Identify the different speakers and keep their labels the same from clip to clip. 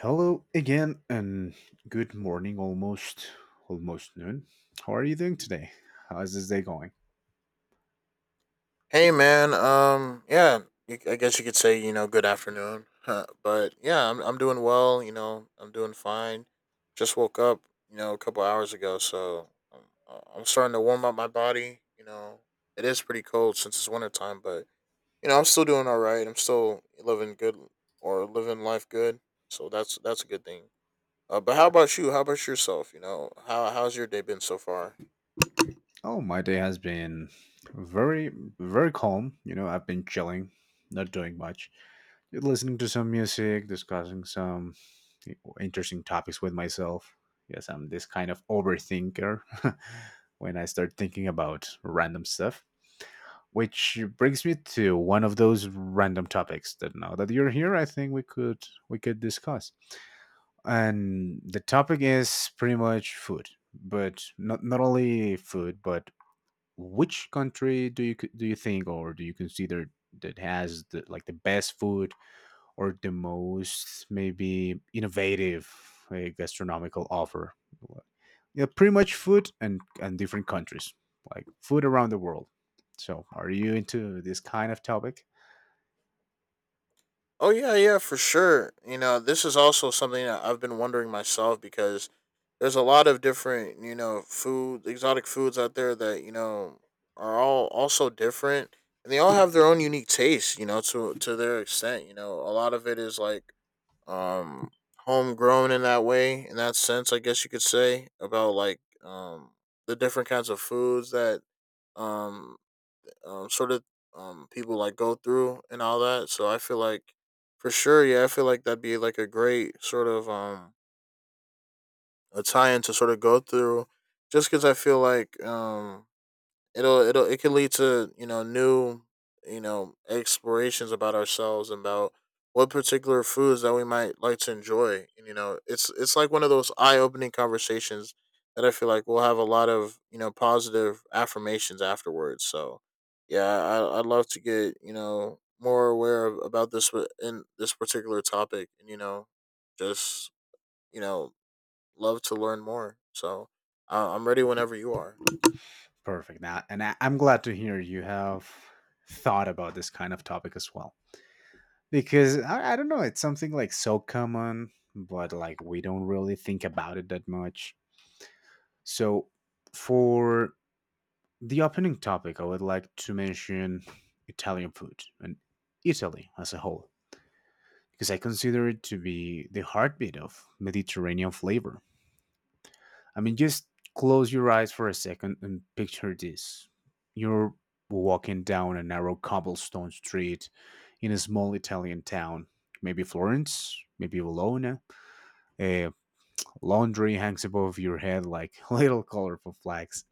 Speaker 1: Hello again and good morning, almost noon. How are you doing today? How's this day going?
Speaker 2: Hey man, yeah, I guess you could say good afternoon, huh, but yeah, I'm doing well. You know, I'm doing fine. Just woke up, you know, a couple hours ago, so I'm starting to warm up my body. You know, it is pretty cold since it's winter time, but you know, I'm still doing all right. I'm still living good or living life good, so that's a good thing. But how about you? How about yourself? You know, how's your day been so far?
Speaker 1: Oh, my day has been very very calm. You know, I've been chilling, not doing much. Listening to some music, discussing some interesting topics with myself. Yes, I'm this kind of overthinker when I start thinking about random stuff. Which brings me to one of those random topics that, now that you're here, I think we could discuss. And the topic is pretty much food, but not only food, but which country do you think, or do you consider, that has the, like, the best food, or the most maybe innovative, gastronomical offer? Like, yeah, pretty much food and different countries, like food around the world. So, are you into this kind of topic?
Speaker 2: Oh yeah, yeah, for sure. You know, this is also something that I've been wondering myself because there's a lot of different, you know, food exotic foods out there that, you know, are all also different and they all have their own unique taste, you know, to their extent, you know. A lot of it is like um homegrown in that way, in that sense, I guess you could say, about like the different kinds of foods that um sort of people like go through and all that. So I feel like for sure, yeah, I feel like that'd be like a great sort of a tie in to sort of go through just because I feel like it can lead to you know new you know explorations about ourselves about what particular foods that we might like to enjoy, and you know it's like one of those eye-opening conversations that I feel like we'll have a lot of you know positive affirmations afterwards. So yeah, I'd love to get you know more aware of, about this in this particular topic and you know just you know love to learn more. So I'm ready whenever you are.
Speaker 1: Perfect. Now, and I'm glad to hear you have thought about this kind of topic as well, because I don't know, it's something like so common, but like we don't really think about it that much. So, for the opening topic, I would like to mention Italian food and Italy as a whole, because I consider it to be the heartbeat of Mediterranean flavor. I mean, just close your eyes for a second and picture this. You're walking down a narrow cobblestone street in a small Italian town, maybe Florence, maybe Bologna. A laundry hangs above your head like little colorful flags.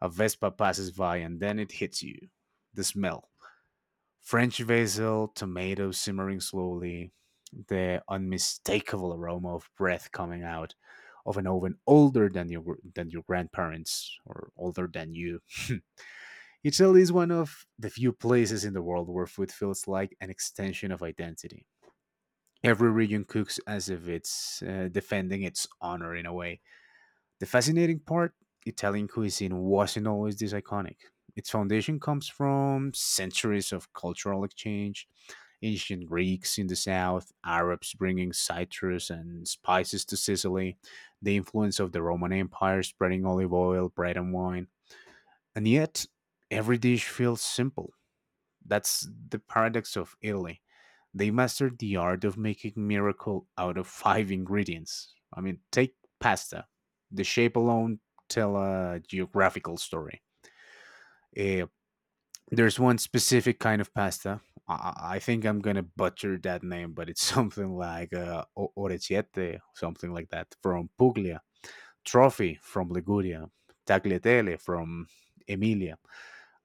Speaker 1: A Vespa passes by, and then it hits you. The smell, French basil, tomatoes simmering slowly, the unmistakable aroma of breath coming out of an oven older than your grandparents, or older than you. Italy is one of the few places in the world where food feels like an extension of identity. Every region cooks as if it's defending its honor in a way. The fascinating part, Italian cuisine wasn't always this iconic. Its foundation comes from centuries of cultural exchange, ancient Greeks in the south, Arabs bringing citrus and spices to Sicily, the influence of the Roman Empire spreading olive oil, bread, and wine. And yet, every dish feels simple. That's the paradox of Italy. They mastered the art of making miracle out of five ingredients. I mean, take pasta. The shape alone tell a geographical story. Eh, there's one specific kind of pasta. I think I'm gonna butcher that name, but it's something like orecchiette, something like that, from Puglia. Trophy from Liguria. Tagliatelle from Emilia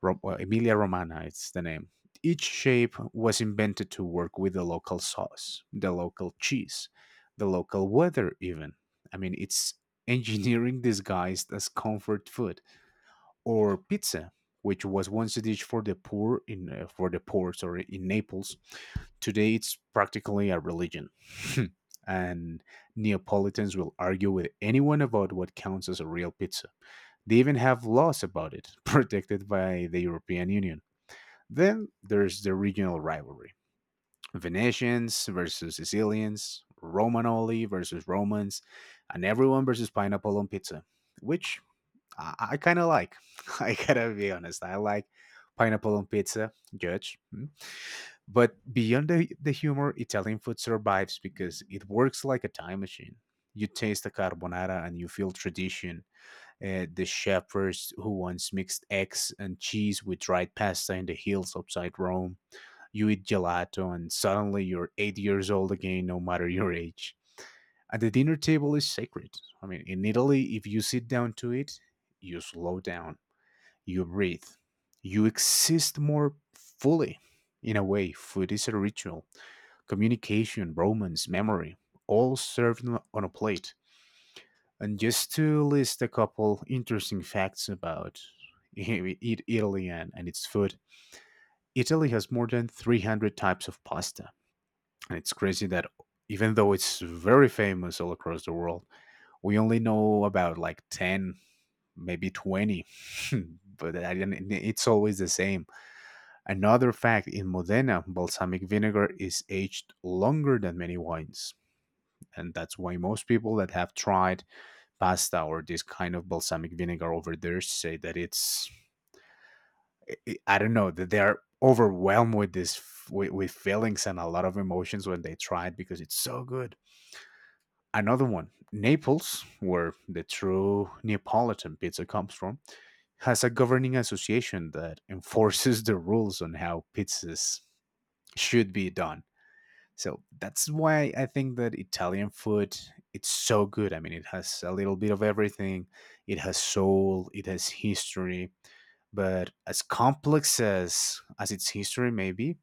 Speaker 1: Emilia Romana, it's the name. Each shape was invented to work with the local sauce, the local cheese, the local weather, even. I mean, it's engineering disguised as comfort food, or pizza, which was once a dish for the poor, sorry, in Naples. Today, it's practically a religion. And Neapolitans will argue with anyone about what counts as a real pizza. They even have laws about it, protected by the European Union. Then there's the regional rivalry, Venetians versus Sicilians, Romanoli versus Romans, and everyone versus pineapple on pizza, which I kind of like. I gotta be honest, I like pineapple on pizza, judge. Mm. But beyond the humor, Italian food survives because it works like a time machine. You taste a carbonara and you feel tradition. The shepherds who once mixed eggs and cheese with dried pasta in the hills outside Rome, you eat gelato, and suddenly you're 8 years old again, no matter your age. And the dinner table is sacred. I mean, in Italy, if you sit down to it, you slow down, you breathe, you exist more fully. In a way, food is a ritual. Communication, romance, memory, all served on a plate. And just to list a couple interesting facts about I- Italy and, its food, Italy has more than 300 types of pasta. And it's crazy that, even though it's very famous all across the world, we only know about like 10, maybe 20. but I didn't- It's always the same. Another fact, in Modena, balsamic vinegar is aged longer than many wines. And that's why most people that have tried pasta or this kind of balsamic vinegar over there say that it's, I don't know, that they're overwhelmed with with feelings and a lot of emotions when they try it because it's so good. Another one, Naples, where the true Neapolitan pizza comes from, has a governing association that enforces the rules on how pizzas should be done. So that's why I think that Italian food, it's so good. I mean, it has a little bit of everything. It has soul, it has history, but as complex as its history may be,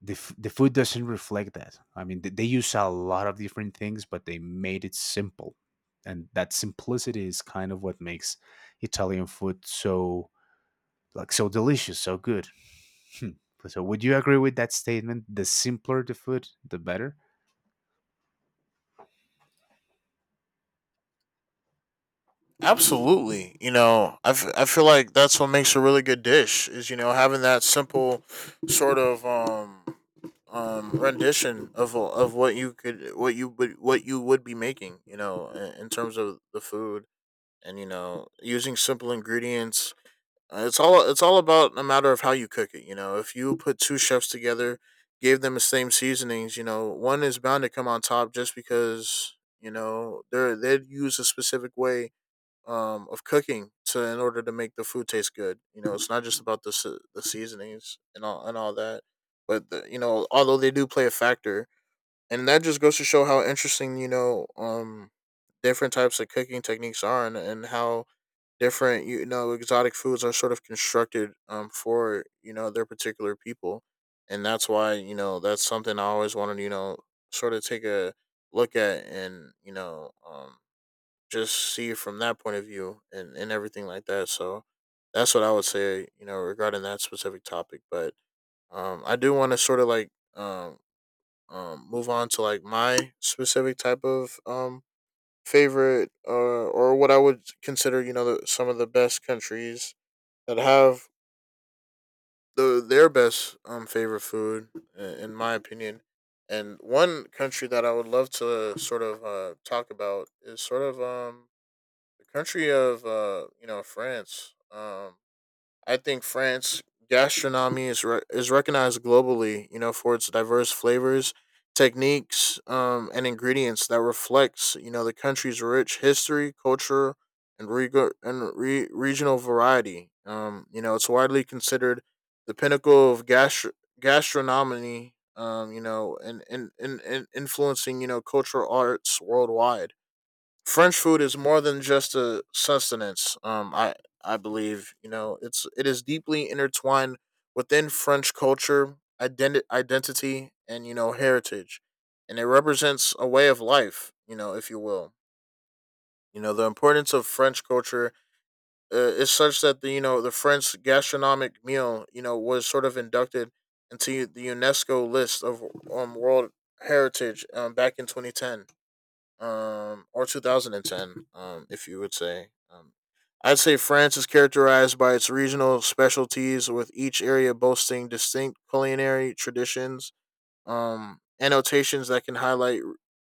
Speaker 1: the food doesn't reflect that. I mean, they use a lot of different things, but they made it simple, and that simplicity is kind of what makes Italian food so, like, so delicious, so good. Hmm. So, would you agree with that statement? The simpler the food, the better.
Speaker 2: Absolutely. You know, I feel like that's what makes a really good dish is, you know, having that simple sort of rendition of what you could what you would be making, you know, in terms of the food and you know, using simple ingredients. It's all about a matter of how you cook it, you know. If you put two chefs together, gave them the same seasonings, you know, one is bound to come on top just because, you know, they'd use a specific way of cooking to in order to make the food taste good. You know, it's not just about the the seasonings and all that, but the, you know, although they do play a factor, and that just goes to show how interesting you know different types of cooking techniques are, and how different you know exotic foods are sort of constructed for you know their particular people, and that's why you know that's something I always wanted to, you know sort of take a look at and you know just see it from that point of view and everything like that. So that's what I would say, you know, regarding that specific topic. But I do want to sort of like um, move on to like my specific type of favorite or what I would consider, you know, the, some of the best countries that have their best favorite food, in my opinion. And one country that I would love to sort of talk about is sort of the country of you know France. I think France gastronomy is is recognized globally, you know, for its diverse flavors, techniques, and ingredients that reflects you know the country's rich history, culture, and regional variety. You know, it's widely considered the pinnacle of gastronomy. You know, and and influencing, you know, cultural arts worldwide. French food is more than just a sustenance. I believe you know it is deeply intertwined within French culture, identity, and you know heritage, and it represents a way of life. You know, if you will, you know the importance of French culture is such that the you know the French gastronomic meal you know was sort of inducted into the UNESCO list of World Heritage, back in 2010 or 2010, if you would say. I'd say France is characterized by its regional specialties, with each area boasting distinct culinary traditions, annotations that can highlight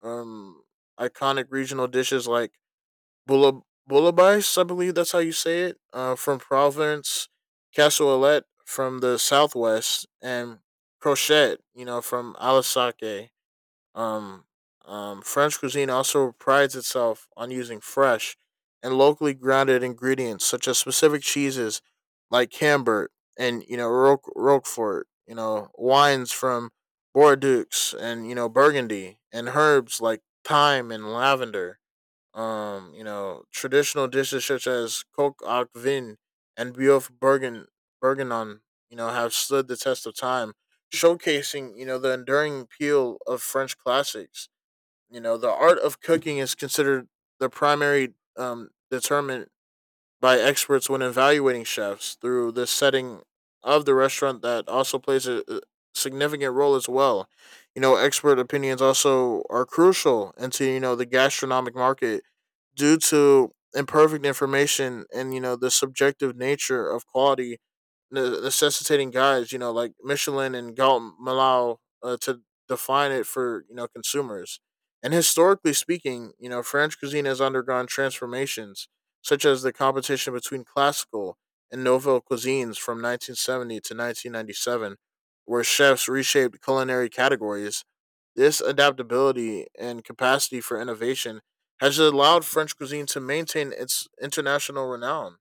Speaker 2: um, iconic regional dishes like boula- boulabais, I believe that's how you say it, from Provence, cassolette from the southwest, and crochette, you know, from Alsace. Um, French cuisine also prides itself on using fresh and locally grounded ingredients such as specific cheeses like Cambert and you know Roquefort, you know wines from Bordeaux and you know Burgundy, and herbs like thyme and lavender. You know, traditional dishes such as Coke au Vin and Biof Bergen Bergenon, you know, have stood the test of time, showcasing, you know, the enduring appeal of French classics. You know, the art of cooking is considered the primary determinant by experts when evaluating chefs, through the setting of the restaurant that also plays a significant role as well. You know, expert opinions also are crucial into, you know, the gastronomic market due to imperfect information and, you know, the subjective nature of quality, necessitating guys, you know, like Michelin and Galton Malau to define it for, you know, consumers. And historically speaking, you know, French cuisine has undergone transformations, such as the competition between classical and novel cuisines from 1970 to 1997, where chefs reshaped culinary categories. This adaptability and capacity for innovation has allowed French cuisine to maintain its international renown,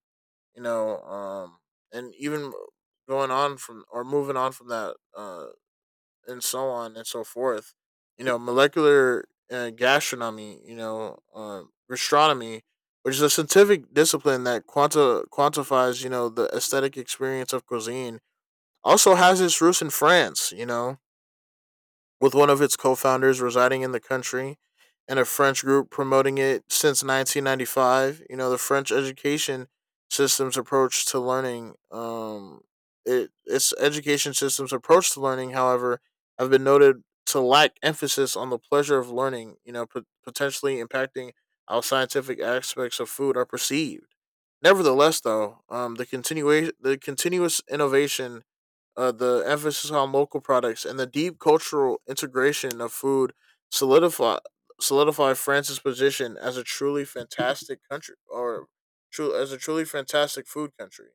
Speaker 2: you know, and even going on from or moving on from that, and so on and so forth. You know, molecular gastronomy you know gastronomy, which is a scientific discipline that quanta quantifies you know the aesthetic experience of cuisine, also has its roots in France, you know, with one of its co-founders residing in the country and a French group promoting it since 1995. You know, the French education system's approach to learning, its education system's approach to learning, however, have been noted to lack emphasis on the pleasure of learning. You know, potentially impacting how scientific aspects of food are perceived. Nevertheless, though, the continuous innovation, the emphasis on local products and the deep cultural integration of food solidify solidify France's position as a truly fantastic country, or true as a truly fantastic food country,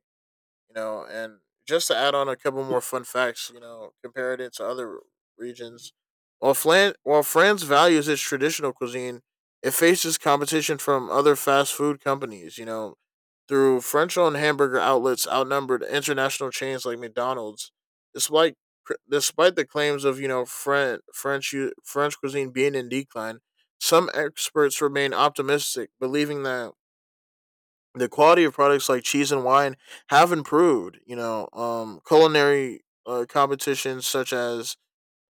Speaker 2: you know. And just to add on a couple more fun facts, you know, compared it to other regions, while, while France values its traditional cuisine, it faces competition from other fast food companies, you know, through French-owned hamburger outlets outnumbered international chains like McDonald's, despite despite the claims of you know French cuisine being in decline. Some experts remain optimistic, believing that the quality of products like cheese and wine have improved. You know, culinary competitions such as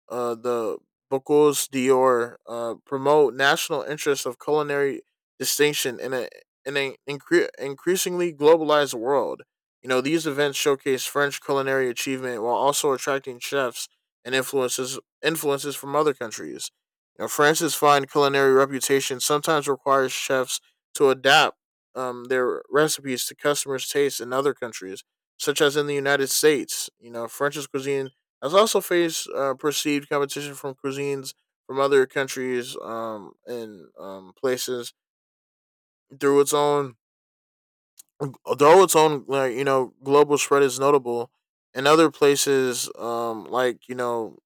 Speaker 2: the Bocuse d'Or promote national interests of culinary distinction in a in an incre- increasingly globalized world. You know, these events showcase French culinary achievement while also attracting chefs and influences from other countries. You know, France's fine culinary reputation sometimes requires chefs to adapt their recipes to customers' tastes in other countries, such as in the United States. You know, French's cuisine I've also faced perceived competition from cuisines from other countries and places through its own, although its own like you know global spread is notable. In other places, like you know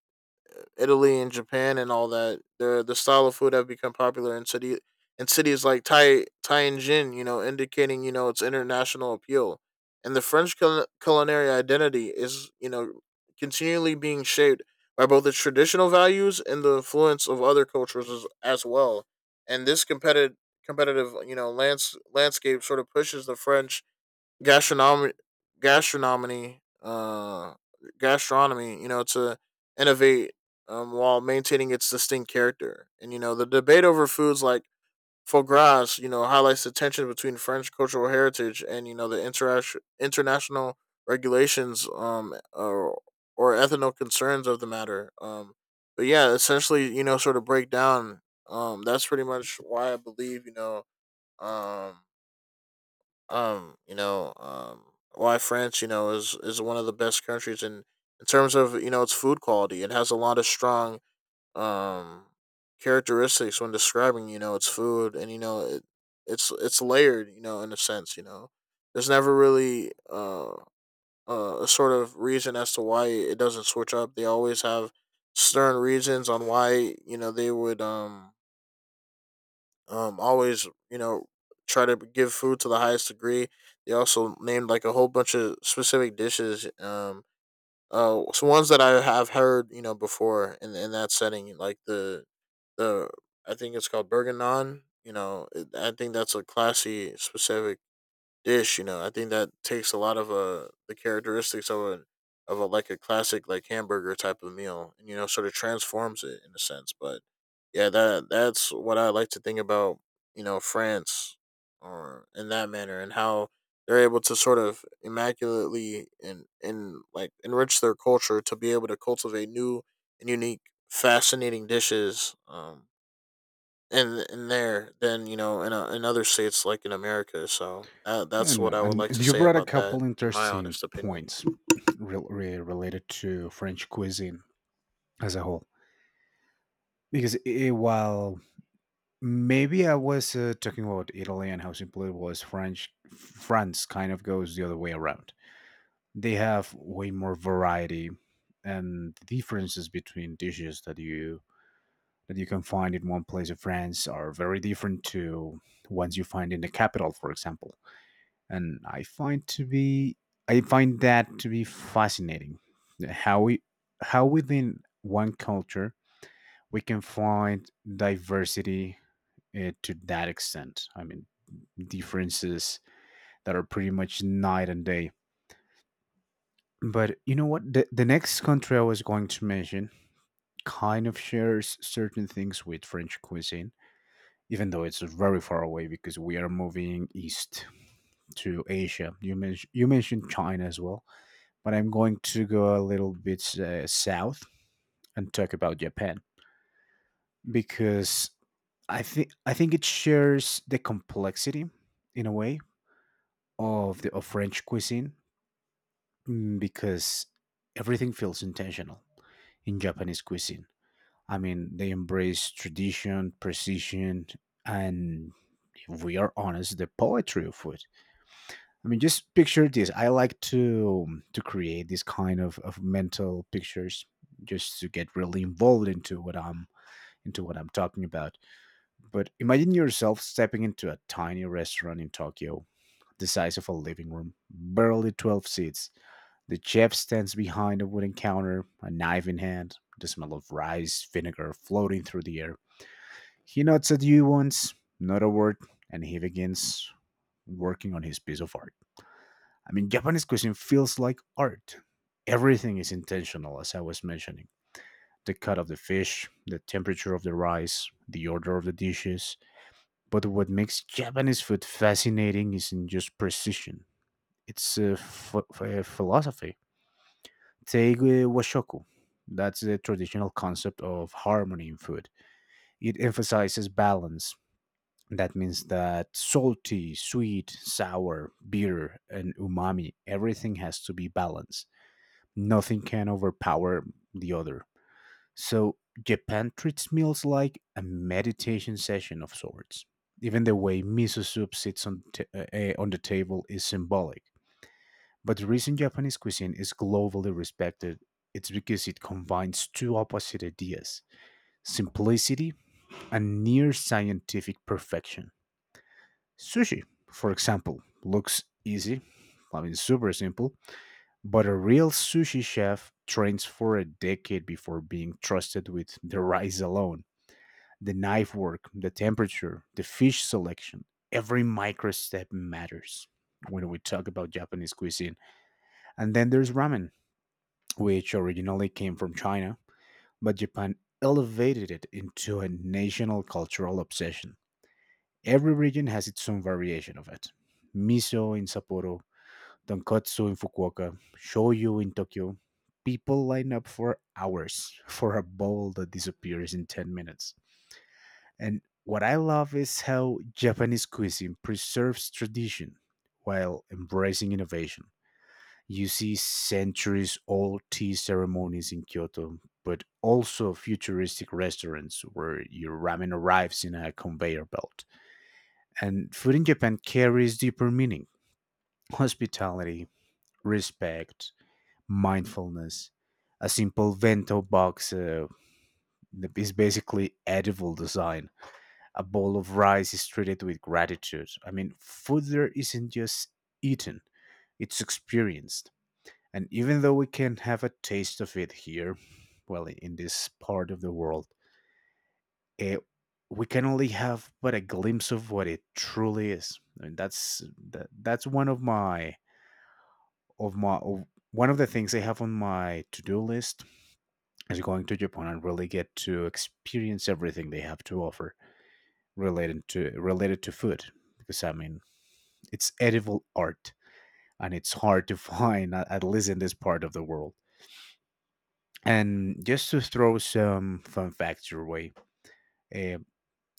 Speaker 2: Italy and Japan and all that, the style of food have become popular in city in cities like Tai Tianjin, you know, indicating you know its international appeal. And the French culinary identity is you know continually being shaped by both its traditional values and the influence of other cultures as well. And this competitive landscape sort of pushes the French gastronomy gastronomy uh gastronomy you know to innovate, while maintaining its distinct character. And the debate over foods like foie gras highlights the tension between French cultural heritage and, the interaction international regulations or ethical concerns of the matter. But yeah, essentially, sort of break down, that's pretty much why I believe, um um you know um why France, is one of the best countries in terms of, its food quality. It has a lot of strong, um characteristics when describing, its food. And you know it's layered, you know, in a sense. You know, there's never really a sort of reason as to why it doesn't switch up. They always have stern reasons on why, you know, they would, always, you know, try to give food to the highest degree. They also named like a whole bunch of specific dishes. So ones that I have heard, you know, before in that setting, like the I think it's called Bergen Naan. You know, I think that's a classy specific dish. You know, I think that takes a lot of the characteristics of a like a classic like hamburger type of meal, and you know, sort of transforms it in a sense. But yeah, that's what I like to think about. You know, France or in that manner, and how they're able to sort of immaculately and like enrich their culture to be able to cultivate new and unique, fascinating dishes. In there than, you know, in in other states like in America. So that's what
Speaker 1: No,
Speaker 2: I would
Speaker 1: and
Speaker 2: like to
Speaker 1: you
Speaker 2: say
Speaker 1: brought a
Speaker 2: about that,
Speaker 1: couple
Speaker 2: in my
Speaker 1: interesting
Speaker 2: honest opinion.
Speaker 1: points related to French cuisine as a whole. Because, I while maybe I was talking about Italy and how simple it was, French France kind of goes the other way around. They have way more variety, and the differences between dishes that you can find in one place of France are very different to ones you find in the capital, for example. And I find to be I find that to be fascinating. How we, how within one culture, we can find diversity to that extent. I mean, differences that are pretty much night and day. But you know what? The next country I was going to mention kind of shares certain things with French cuisine, even though it's very far away, because we are moving east to Asia. You, you mentioned China as well, but I'm going to go a little bit south and talk about Japan, because I think it shares the complexity, in a way, of French cuisine, mm, because everything feels intentional in Japanese cuisine. I mean, they embrace tradition, precision, and, if we are honest, the poetry of food. I mean, just picture this. I like to create this kind of mental pictures just to get really involved into what I'm talking about. But imagine yourself stepping into a tiny restaurant in Tokyo the size of a living room, barely 12 seats. The chef stands behind a wooden counter, a knife in hand, the smell of rice, vinegar floating through the air. He nods at you once, not a word, and he begins working on his piece of art. I mean, Japanese cuisine feels like art. Everything is intentional, as I was mentioning, the cut of the fish, the temperature of the rice, the order of the dishes. But what makes Japanese food fascinating isn't just precision, it's philosophy. Take washoku. That's the traditional concept of harmony in food. It emphasizes balance. That means that salty, sweet, sour, bitter, and umami, everything has to be balanced. Nothing can overpower the other. So, Japan treats meals like a meditation session of sorts. Even the way miso soup sits on the table is symbolic. But the reason Japanese cuisine is globally respected, it's because it combines two opposite ideas, simplicity and near scientific perfection. Sushi, for example, looks easy, I mean, super simple, but a real sushi chef trains for a decade before being trusted with the rice alone, the knife work, the temperature, the fish selection. Every micro step matters when we talk about Japanese cuisine. And then there's ramen, which originally came from China, but Japan elevated it into a national cultural obsession. Every region has its own variation of it, miso in Sapporo, tonkatsu in Fukuoka, shoyu in Tokyo. People line up for hours for a bowl that disappears in 10 minutes. And what I love is how Japanese cuisine preserves tradition while embracing innovation. You see centuries old tea ceremonies in Kyoto, but also futuristic restaurants where your ramen arrives in a conveyor belt. And food in Japan carries deeper meaning, hospitality, respect, mindfulness. A simple bento box is basically edible design. A bowl of rice is treated with gratitude. I mean, food there isn't just eaten, it's experienced. And even though we can have a taste of it here, well, in this part of the world, it, we can only have but a glimpse of what it truly is. I mean, that's one of of my of, one of, the things I have on my to-do list is going to Japan and really get to experience everything they have to offer related to food. Because I mean, it's edible art, and it's hard to find at least in this part of the world. And just to throw some fun facts your way, uh,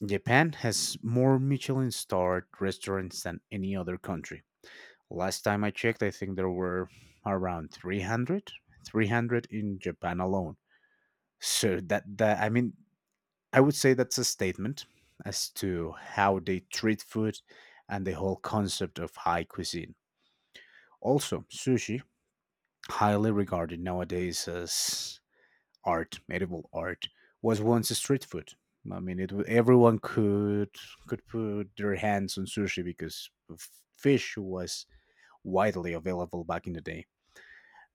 Speaker 1: Japan has more Michelin starred restaurants than any other country. Last time I checked, I think there were around 300, 300 in Japan alone. So that, I would say that's a statement as to how they treat food and the whole concept of high cuisine. Also, sushi, highly regarded nowadays as art, medieval art, was once a street food. I mean, everyone could put their hands on sushi because fish was widely available back in the day,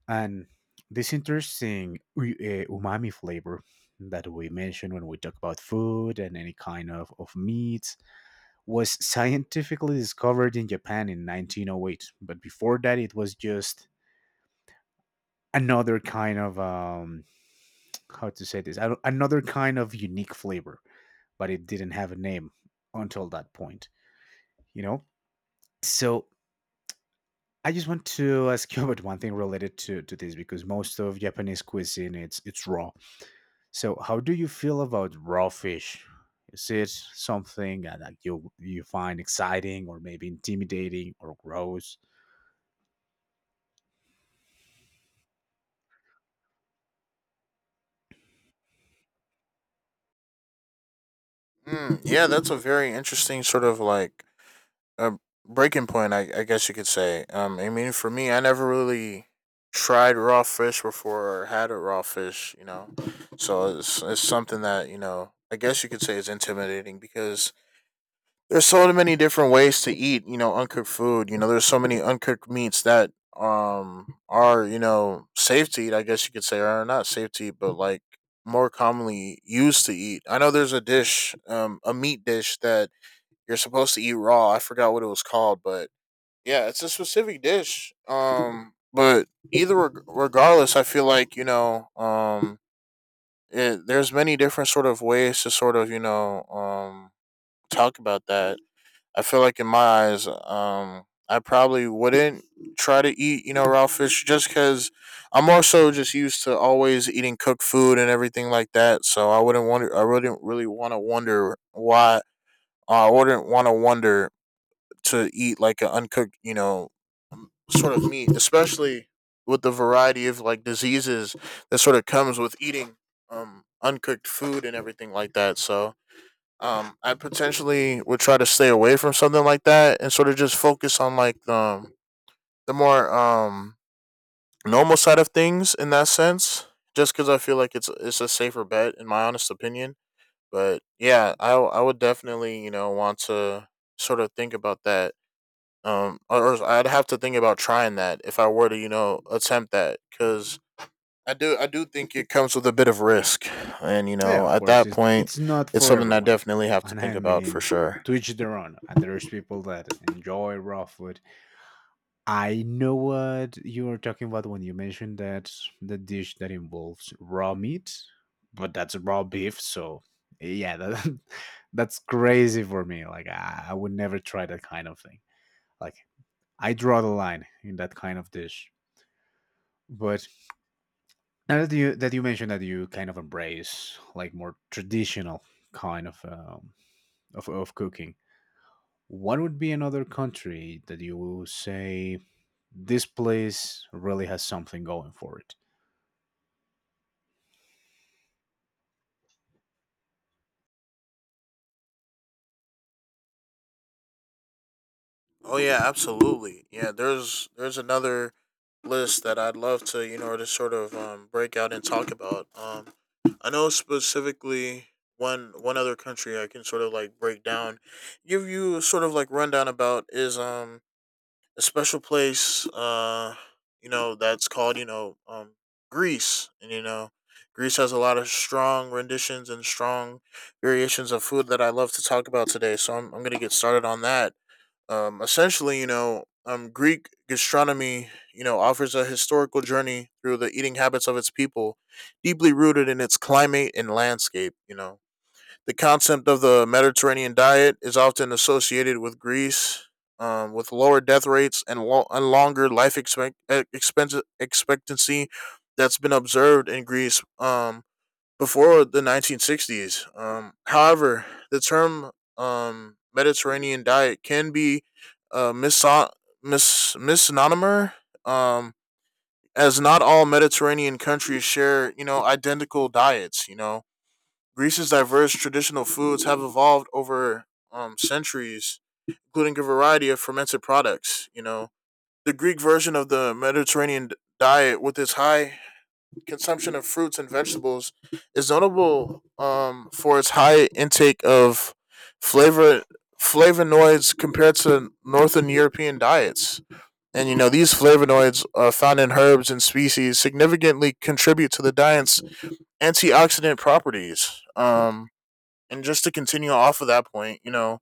Speaker 1: and this interesting umami flavor that we mentioned when we talk about food and any kind of meats was scientifically discovered in Japan in 1908. But before that, it was just another kind of how to say this? Another kind of unique flavor, but it didn't have a name until that point, you know? So I just want to ask you about one thing related to this, because most of Japanese cuisine it's raw. So how do you feel about raw fish? Is it something that, like, you find exciting or maybe intimidating or gross?
Speaker 2: Mm, yeah, that's a very interesting sort of like a breaking point, I guess you could say. I mean, for me, I never really tried raw fish before or had a raw fish, you know. So it's something that, you know, I guess you could say is intimidating because there's so many different ways to eat, you know, uncooked food. You know, there's so many uncooked meats that, are, you know, safe to eat, I guess you could say, or not safe to eat, but like more commonly used to eat. I know there's a dish, a meat dish that you're supposed to eat raw. I forgot what it was called, but yeah, it's a specific dish. But either regardless, I feel like, you know, there's many different sort of ways to sort of, you know, talk about that. I feel like in my eyes, I probably wouldn't try to eat, you know, raw fish just because I'm more so just used to always eating cooked food and everything like that. So I wouldn't wonder, I wouldn't really want to wonder why, I wouldn't want to wonder to eat like an uncooked, you know, sort of meat, especially with the variety of like diseases that sort of comes with eating, uncooked food and everything like that. So I potentially would try to stay away from something like that and sort of just focus on like, the more, normal side of things in that sense. Just because I feel like it's a safer bet in my honest opinion. But yeah, I would definitely, you know, want to sort of think about that. Or I'd have to think about trying that if I were to, you know, attempt that because I do think it comes with a bit of risk, and you
Speaker 1: Yeah,
Speaker 2: know
Speaker 1: of
Speaker 2: at
Speaker 1: course,
Speaker 2: that point
Speaker 1: it's not
Speaker 2: it's
Speaker 1: for
Speaker 2: something I
Speaker 1: everyone,
Speaker 2: definitely have to
Speaker 1: and
Speaker 2: think
Speaker 1: I
Speaker 2: about for
Speaker 1: mean,
Speaker 2: sure.
Speaker 1: to each their own. And there's people that enjoy raw food. I know what you are talking about when you mentioned that the dish that involves raw meat, but that's raw beef, so yeah, that, that's crazy for me. Like I would never try that kind of thing. Like I draw the line in that kind of dish. But now that you mentioned that you kind of embrace like more traditional kind of of cooking, what would be another country that you will say this place really has something going for it?
Speaker 2: Oh yeah, absolutely. Yeah, there's another list that I'd love to, you know, to sort of, break out and talk about. I know specifically one other country I can sort of like break down, give you a sort of like rundown about is, um, a special place, uh, you know, that's called, you know, um, Greece. And you know Greece has a lot of strong renditions and strong variations of food that I love to talk about today. So I'm gonna get started on that. Essentially, you know, Greek gastronomy, you know, offers a historical journey through the eating habits of its people, deeply rooted in its climate and landscape. You know, the concept of the Mediterranean diet is often associated with Greece, with lower death rates and, and longer life expectancy that's been observed in Greece, um, before the 1960s. However, the term, Mediterranean diet can be uh, miso- misnomer, um, as not all Mediterranean countries share, you know, identical diets. You know, Greece's diverse traditional foods have evolved over, centuries, including a variety of fermented products. You know, the Greek version of the Mediterranean diet, with its high consumption of fruits and vegetables, is notable, for its high intake of flavor flavonoids compared to northern European diets. And you know these flavonoids, found in herbs and species, significantly contribute to the diet's antioxidant properties. And just to continue off of that point, you know,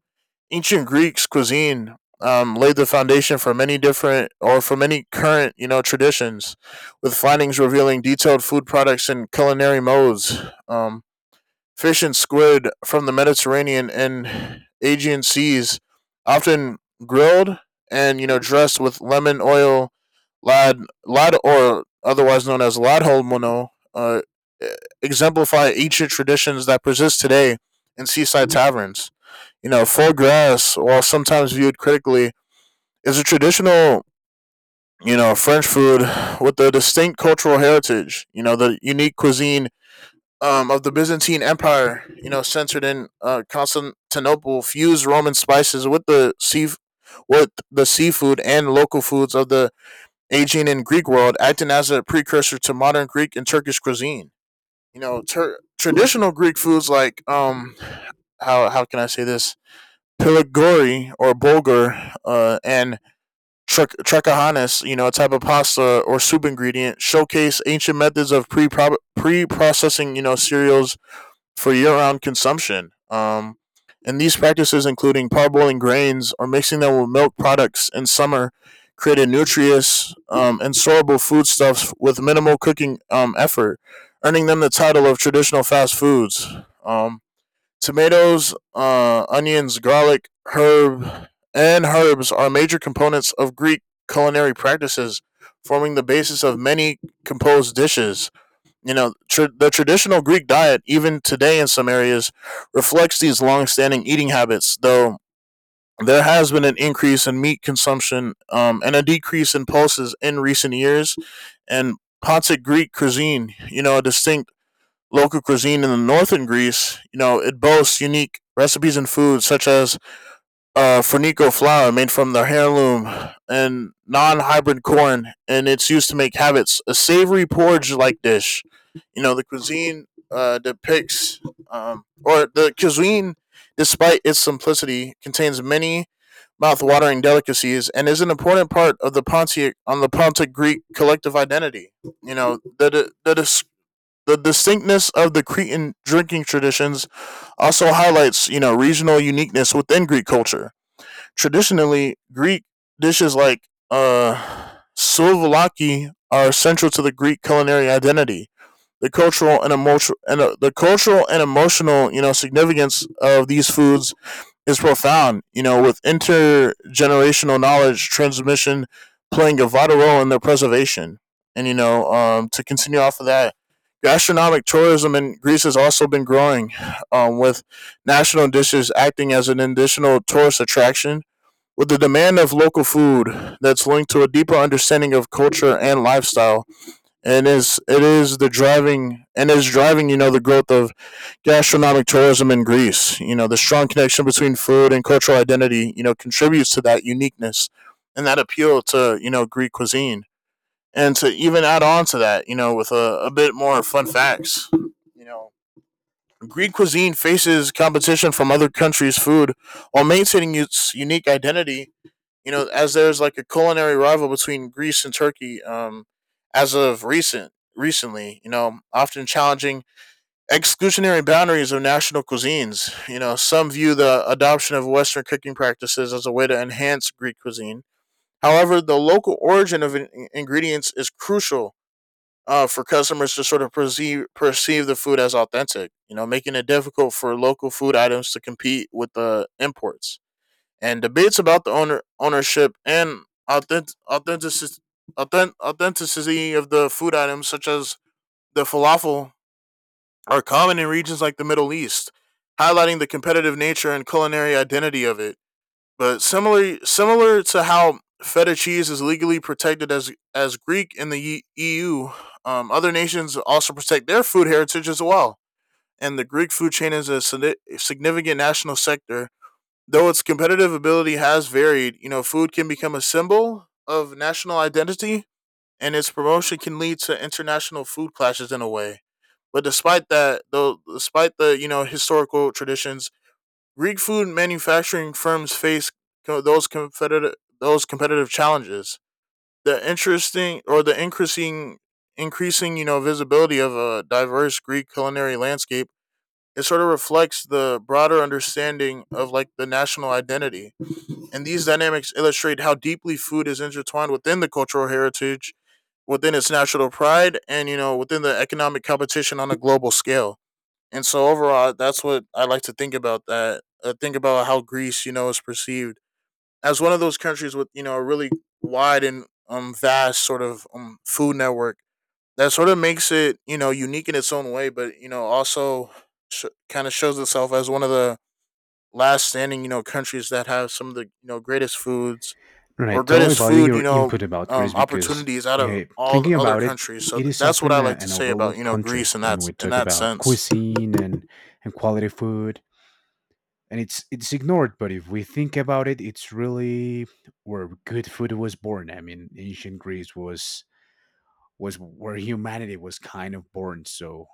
Speaker 2: ancient Greeks cuisine, laid the foundation for many different or for many current, you know, traditions, with findings revealing detailed food products and culinary modes. Um, Fish and squid from the Mediterranean and Aegean seas, often grilled and, you know, dressed with lemon oil, lad or otherwise known as ladholmono, e, exemplify ancient traditions that persist today in seaside taverns. You know, foie gras, while sometimes viewed critically, is a traditional, you know, French food with a distinct cultural heritage. You know, the unique cuisine, of the Byzantine Empire, you know, centered in, Constantinople, fused Roman spices with the sea, with the seafood and local foods of the Aegean and Greek world, acting as a precursor to modern Greek and Turkish cuisine. You know, traditional Greek foods like, how can I say this? Pilagori or bulgur, and trekahanis, you know, a type of pasta or soup ingredient, showcase ancient methods of pre processing, you know, cereals for year-round consumption. And these practices, including parboiling grains or mixing them with milk products in summer, created nutritious, and storable foodstuffs with minimal cooking, effort, earning them the title of traditional fast foods. Um, tomatoes, onions, garlic, and herbs are major components of Greek culinary practices, forming the basis of many composed dishes. You know, tr the traditional Greek diet, even today in some areas, reflects these long-standing eating habits. Though there has been an increase in meat consumption, and a decrease in pulses in recent years, and Pontic Greek cuisine, you know, a distinct local cuisine in the northern Greece, you know, it boasts unique recipes and foods such as, Fornico flour made from the heirloom and non-hybrid corn, and it's used to make habits, a savory porridge-like dish. You know, the cuisine, despite its simplicity, contains many mouth-watering delicacies and is an important part of the Pontic on the Pontic Greek collective identity. You know, the distinctness of the Cretan drinking traditions also highlights, you know, regional uniqueness within Greek culture. Traditionally Greek dishes like, uh, souvlaki are central to the Greek culinary identity. The cultural and emotional, you know, significance of these foods is profound, you know, with intergenerational knowledge transmission playing a vital role in their preservation. And you know, to continue off of that, gastronomic tourism in Greece has also been growing, with national dishes acting as an additional tourist attraction, with the demand of local food that's linked to a deeper understanding of culture and lifestyle, and is it is the driving and is driving, you know, the growth of gastronomic tourism in Greece. You know, the strong connection between food and cultural identity, you know, contributes to that uniqueness and that appeal to, you know, Greek cuisine. And to even add on to that, you know, with a bit more fun facts, you know, Greek cuisine faces competition from other countries' food while maintaining its unique identity, you know, as there's like a culinary rival between Greece and Turkey, as of recently, you know, often challenging exclusionary boundaries of national cuisines. You know, some view the adoption of Western cooking practices as a way to enhance Greek cuisine. However, the local origin of ingredients is crucial, for customers to sort of perceive the food as authentic, you know, making it difficult for local food items to compete with the imports. And debates about the ownership and authentic authenticity authenticity of the food items such as the falafel are common in regions like the Middle East, highlighting the competitive nature and culinary identity of it. But similar to how feta cheese is legally protected as Greek in the EU, other nations also protect their food heritage as well. And the Greek food chain is a significant national sector. Though its competitive ability has varied, you know, food can become a symbol of national identity, and its promotion can lead to international food clashes in a way. But despite that, you know, historical traditions, Greek food manufacturing firms face co- those competitive those competitive challenges. The interesting or the increasing increasing, you know, visibility of a diverse Greek culinary landscape, it sort of reflects the broader understanding of like the national identity, and these dynamics illustrate how deeply food is intertwined within the cultural heritage, within its natural pride, and you know within the economic competition on a global scale. And so overall, that's what I like to think about that. Think about how Greece, you know, is perceived as one of those countries with, you know, a really wide and, um, vast sort of, um, food network that sort of makes it, you know, unique in its own way, but you know also kind of shows itself as one of the last standing, you know, countries that have some of the, you know, greatest foods
Speaker 1: And I
Speaker 2: or
Speaker 1: totally
Speaker 2: greatest
Speaker 1: value
Speaker 2: food, you
Speaker 1: your
Speaker 2: know,
Speaker 1: input about Greece because
Speaker 2: opportunities out of
Speaker 1: uh,
Speaker 2: all the
Speaker 1: thinking
Speaker 2: other
Speaker 1: about it,
Speaker 2: countries. So
Speaker 1: it is
Speaker 2: that's what
Speaker 1: often
Speaker 2: I like to
Speaker 1: an
Speaker 2: say about,
Speaker 1: overlooked
Speaker 2: you know,
Speaker 1: country
Speaker 2: Greece in that
Speaker 1: when we talk about
Speaker 2: sense.
Speaker 1: cuisine and quality food. And it's ignored, but if we think about it, it's really where good food was born. I mean, ancient Greece was where humanity was kind of born. So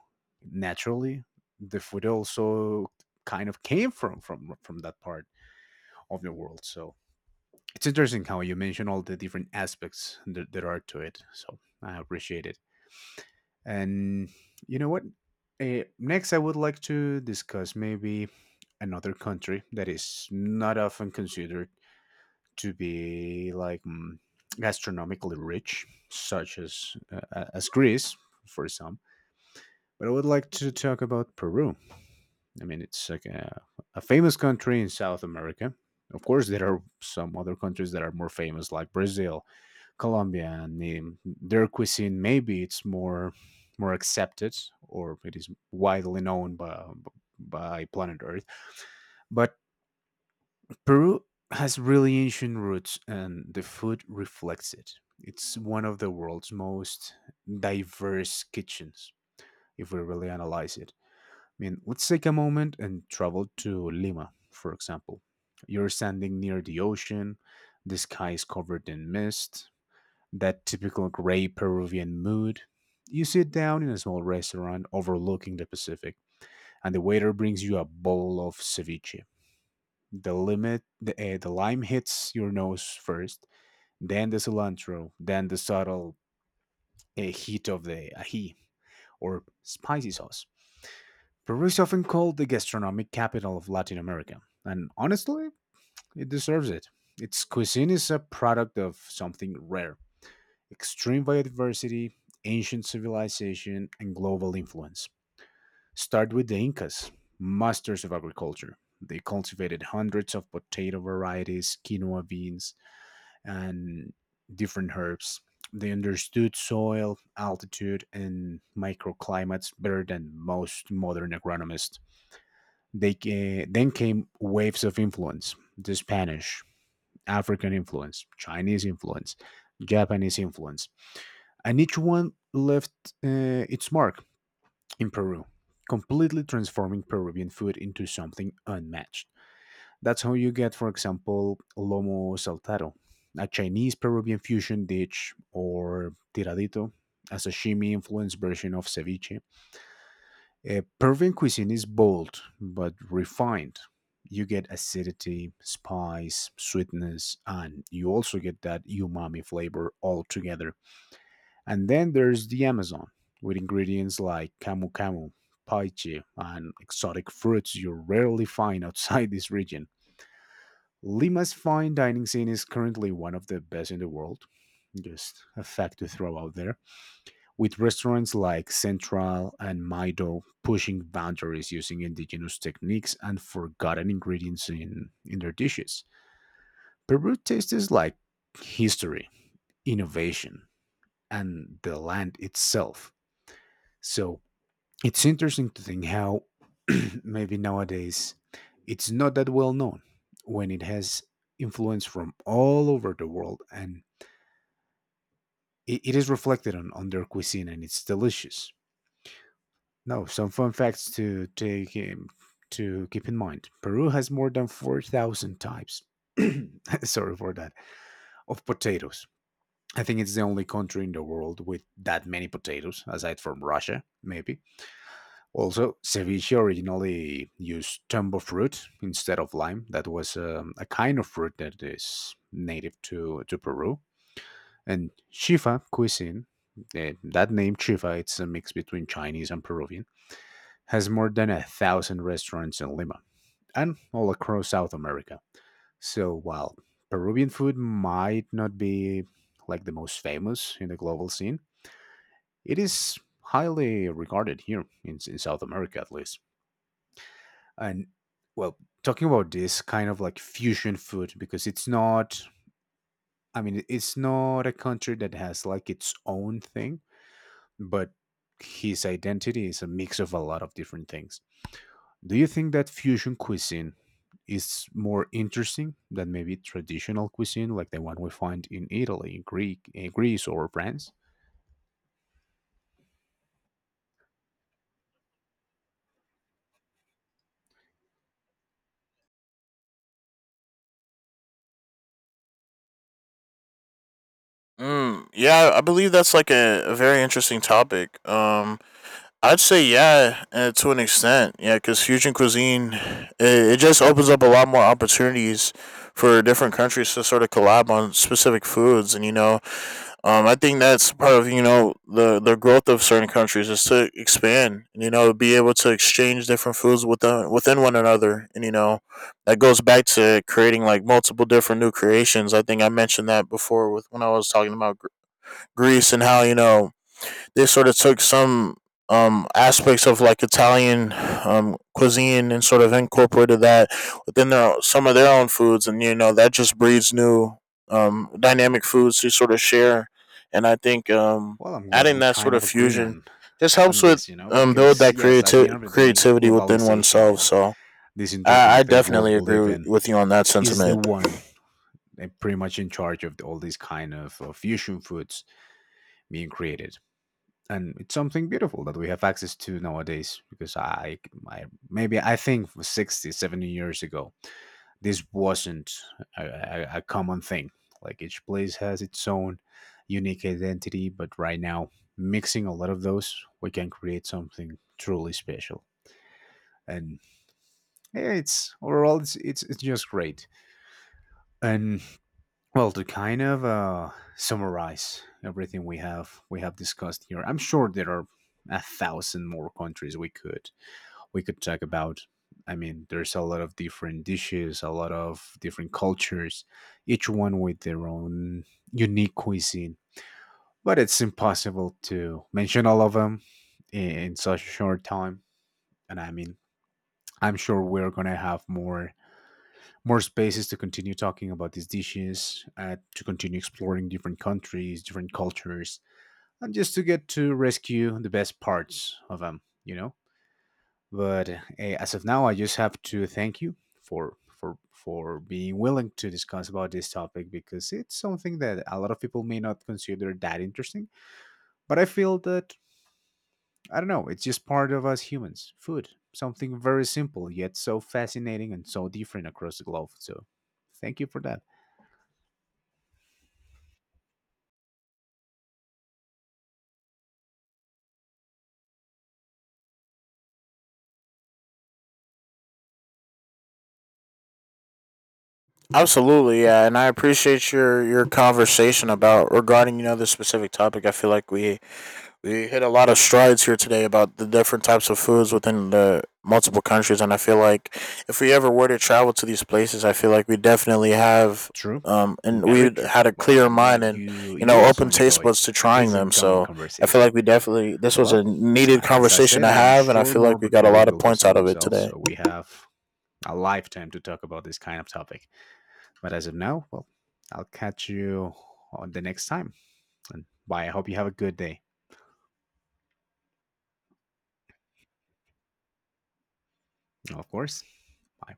Speaker 1: naturally, the food also kind of came from that part of the world. So it's interesting how you mention all the different aspects that there are to it. So I appreciate it. And you know what? Next, I would like to discuss maybe another country that is not often considered to be like gastronomically rich, such as Greece for some. But I would like to talk about Peru. I mean, it's like a famous country in South America. Of course, there are some other countries that are more famous, like Brazil, Colombia, and their cuisine maybe it's more accepted or it is widely known by planet Earth. But Peru has really ancient roots and the food reflects it. It's one of the world's most diverse kitchens if we really analyze it. I mean, let's take a moment and travel to Lima, for example. You're standing near the ocean, the sky is covered in mist, that typical gray Peruvian mood. You sit down in a small restaurant overlooking the Pacific, and the waiter brings you a bowl of ceviche. The lime hits your nose first, then the cilantro, then the subtle heat of the ají or spicy sauce. Peru is often called the gastronomic capital of Latin America, and honestly, it deserves it. Its cuisine is a product of something rare: extreme biodiversity, ancient civilization, and global influence. Start with the Incas, masters of agriculture. They cultivated hundreds of potato varieties, quinoa beans, and different herbs. They understood soil, altitude, and microclimates better than most modern agronomists. Then came waves of influence: the Spanish, African influence, Chinese influence, Japanese influence, and each one left its mark in Peru, completely transforming Peruvian food into something unmatched. That's how you get, for example, lomo saltado, a Chinese Peruvian fusion dish, or tiradito, a sashimi influenced version of ceviche. Peruvian cuisine is bold but refined. You get acidity, spice, sweetness, and you also get that umami flavor all together. And then there's the Amazon, with ingredients like camu camu, paiche, and exotic fruits you rarely find outside this region. Lima's fine dining scene is currently one of the best in the world. Just a fact to throw out there. With restaurants like Central and Maido pushing boundaries using indigenous techniques and forgotten ingredients in their dishes. Peru tastes like history, innovation, and the land itself. So it's interesting to think how maybe nowadays it's not that well known when it has influence from all over the world and it is reflected on their cuisine and it's delicious. Now, some fun facts to take to keep in mind. Peru has more than 4,000 types. Sorry for that. Of potatoes. I think it's the only country in the world with that many potatoes aside from Russia, maybe. Also, ceviche originally used tombo fruit instead of lime. That was a kind of fruit that is native to Peru. And chifa cuisine, that name chifa, it's a mix between Chinese and Peruvian, has more than a thousand restaurants in Lima and all across South America. So while Peruvian food might not be like the most famous in the global scene, it is highly regarded here in South America at least. And well, talking about this kind of like fusion food, because it's not, it's not a country that has like its own thing, but his identity is a mix of a lot of different things, do you think that fusion cuisine is more interesting than maybe traditional cuisine like the one we find in Italy, greek in Greece, or France?
Speaker 2: Mm, yeah, I believe that's like a very interesting topic. I'd say yeah, to an extent, yeah, because fusion cuisine, it just opens up a lot more opportunities for different countries to sort of collab on specific foods, and you know, um, I think that's part of, you know, the growth of certain countries is to expand and, you know, be able to exchange different foods within one another, and you know that goes back to creating like multiple different new creations. I think I mentioned that before with when I was talking about Greece and how you know they sort of took some, aspects of like Italian, cuisine and sort of incorporated that within their some of their own foods, and you know that just breeds new, dynamic foods to sort of share. And I think,
Speaker 1: Well, I'm glad
Speaker 2: adding
Speaker 1: we
Speaker 2: that sort
Speaker 1: kind of
Speaker 2: of
Speaker 1: agree
Speaker 2: fusion just
Speaker 1: on
Speaker 2: helps with,
Speaker 1: this, you know,
Speaker 2: build
Speaker 1: because
Speaker 2: that
Speaker 1: yes, at the end of the day,
Speaker 2: creativity within
Speaker 1: globalization
Speaker 2: oneself.
Speaker 1: and
Speaker 2: So
Speaker 1: this
Speaker 2: I
Speaker 1: interconnected world
Speaker 2: definitely
Speaker 1: we live
Speaker 2: agree
Speaker 1: in
Speaker 2: with you on that
Speaker 1: is the
Speaker 2: sentiment.
Speaker 1: one, pretty much in charge of all these kind of fusion foods being created, and it's something beautiful that we have access to nowadays. Because I, maybe, I think, for 60 70 years ago, this wasn't a common thing. Like, each place has its own unique identity, but right now, mixing a lot of those, we can create something truly special. And yeah, it's overall it's just great. And well, to kind of summarize everything we have discussed here, I'm sure there are a thousand more countries we could talk about. I mean, there's a lot of different dishes, a lot of different cultures, each one with their own unique cuisine. But it's impossible to mention all of them in such a short time. And I mean, I'm sure we're gonna have more spaces to continue talking about these dishes, to continue exploring different countries, different cultures, and just to get to rescue the best parts of them, you know. But as of now, I just have to thank you for being willing to discuss about this topic, because it's something that a lot of people may not consider that interesting. But I feel that, I don't know, it's just part of us humans. Food, something very simple yet so fascinating and so different across the globe. So, thank you for that.
Speaker 2: Absolutely, yeah, and I appreciate your conversation about regarding, you know, this specific topic. I feel like we hit a lot of strides here today about the different types of foods within the multiple countries, and I feel like if we ever were to travel to these places, I feel like we definitely have,
Speaker 1: True.
Speaker 2: and
Speaker 1: Very
Speaker 2: we
Speaker 1: true.
Speaker 2: had a
Speaker 1: Well, and
Speaker 2: clear
Speaker 1: I'm
Speaker 2: mind
Speaker 1: glad
Speaker 2: and, you
Speaker 1: you
Speaker 2: know,
Speaker 1: also
Speaker 2: open taste buds
Speaker 1: enjoyed
Speaker 2: to trying
Speaker 1: this
Speaker 2: them.
Speaker 1: uncommon
Speaker 2: So I feel
Speaker 1: conversation.
Speaker 2: like we definitely, this
Speaker 1: But
Speaker 2: was
Speaker 1: well,
Speaker 2: a needed
Speaker 1: as I
Speaker 2: conversation
Speaker 1: said,
Speaker 2: to
Speaker 1: I'm
Speaker 2: have, and I
Speaker 1: sure
Speaker 2: feel
Speaker 1: more
Speaker 2: like we got a
Speaker 1: opportunities
Speaker 2: lot of
Speaker 1: will
Speaker 2: points
Speaker 1: present
Speaker 2: out of it
Speaker 1: themselves,
Speaker 2: today.
Speaker 1: so we have a lifetime to talk about this kind of topic. But as of now, well, I'll catch you on the next time. And bye. I hope you have a good day. Of course. Bye.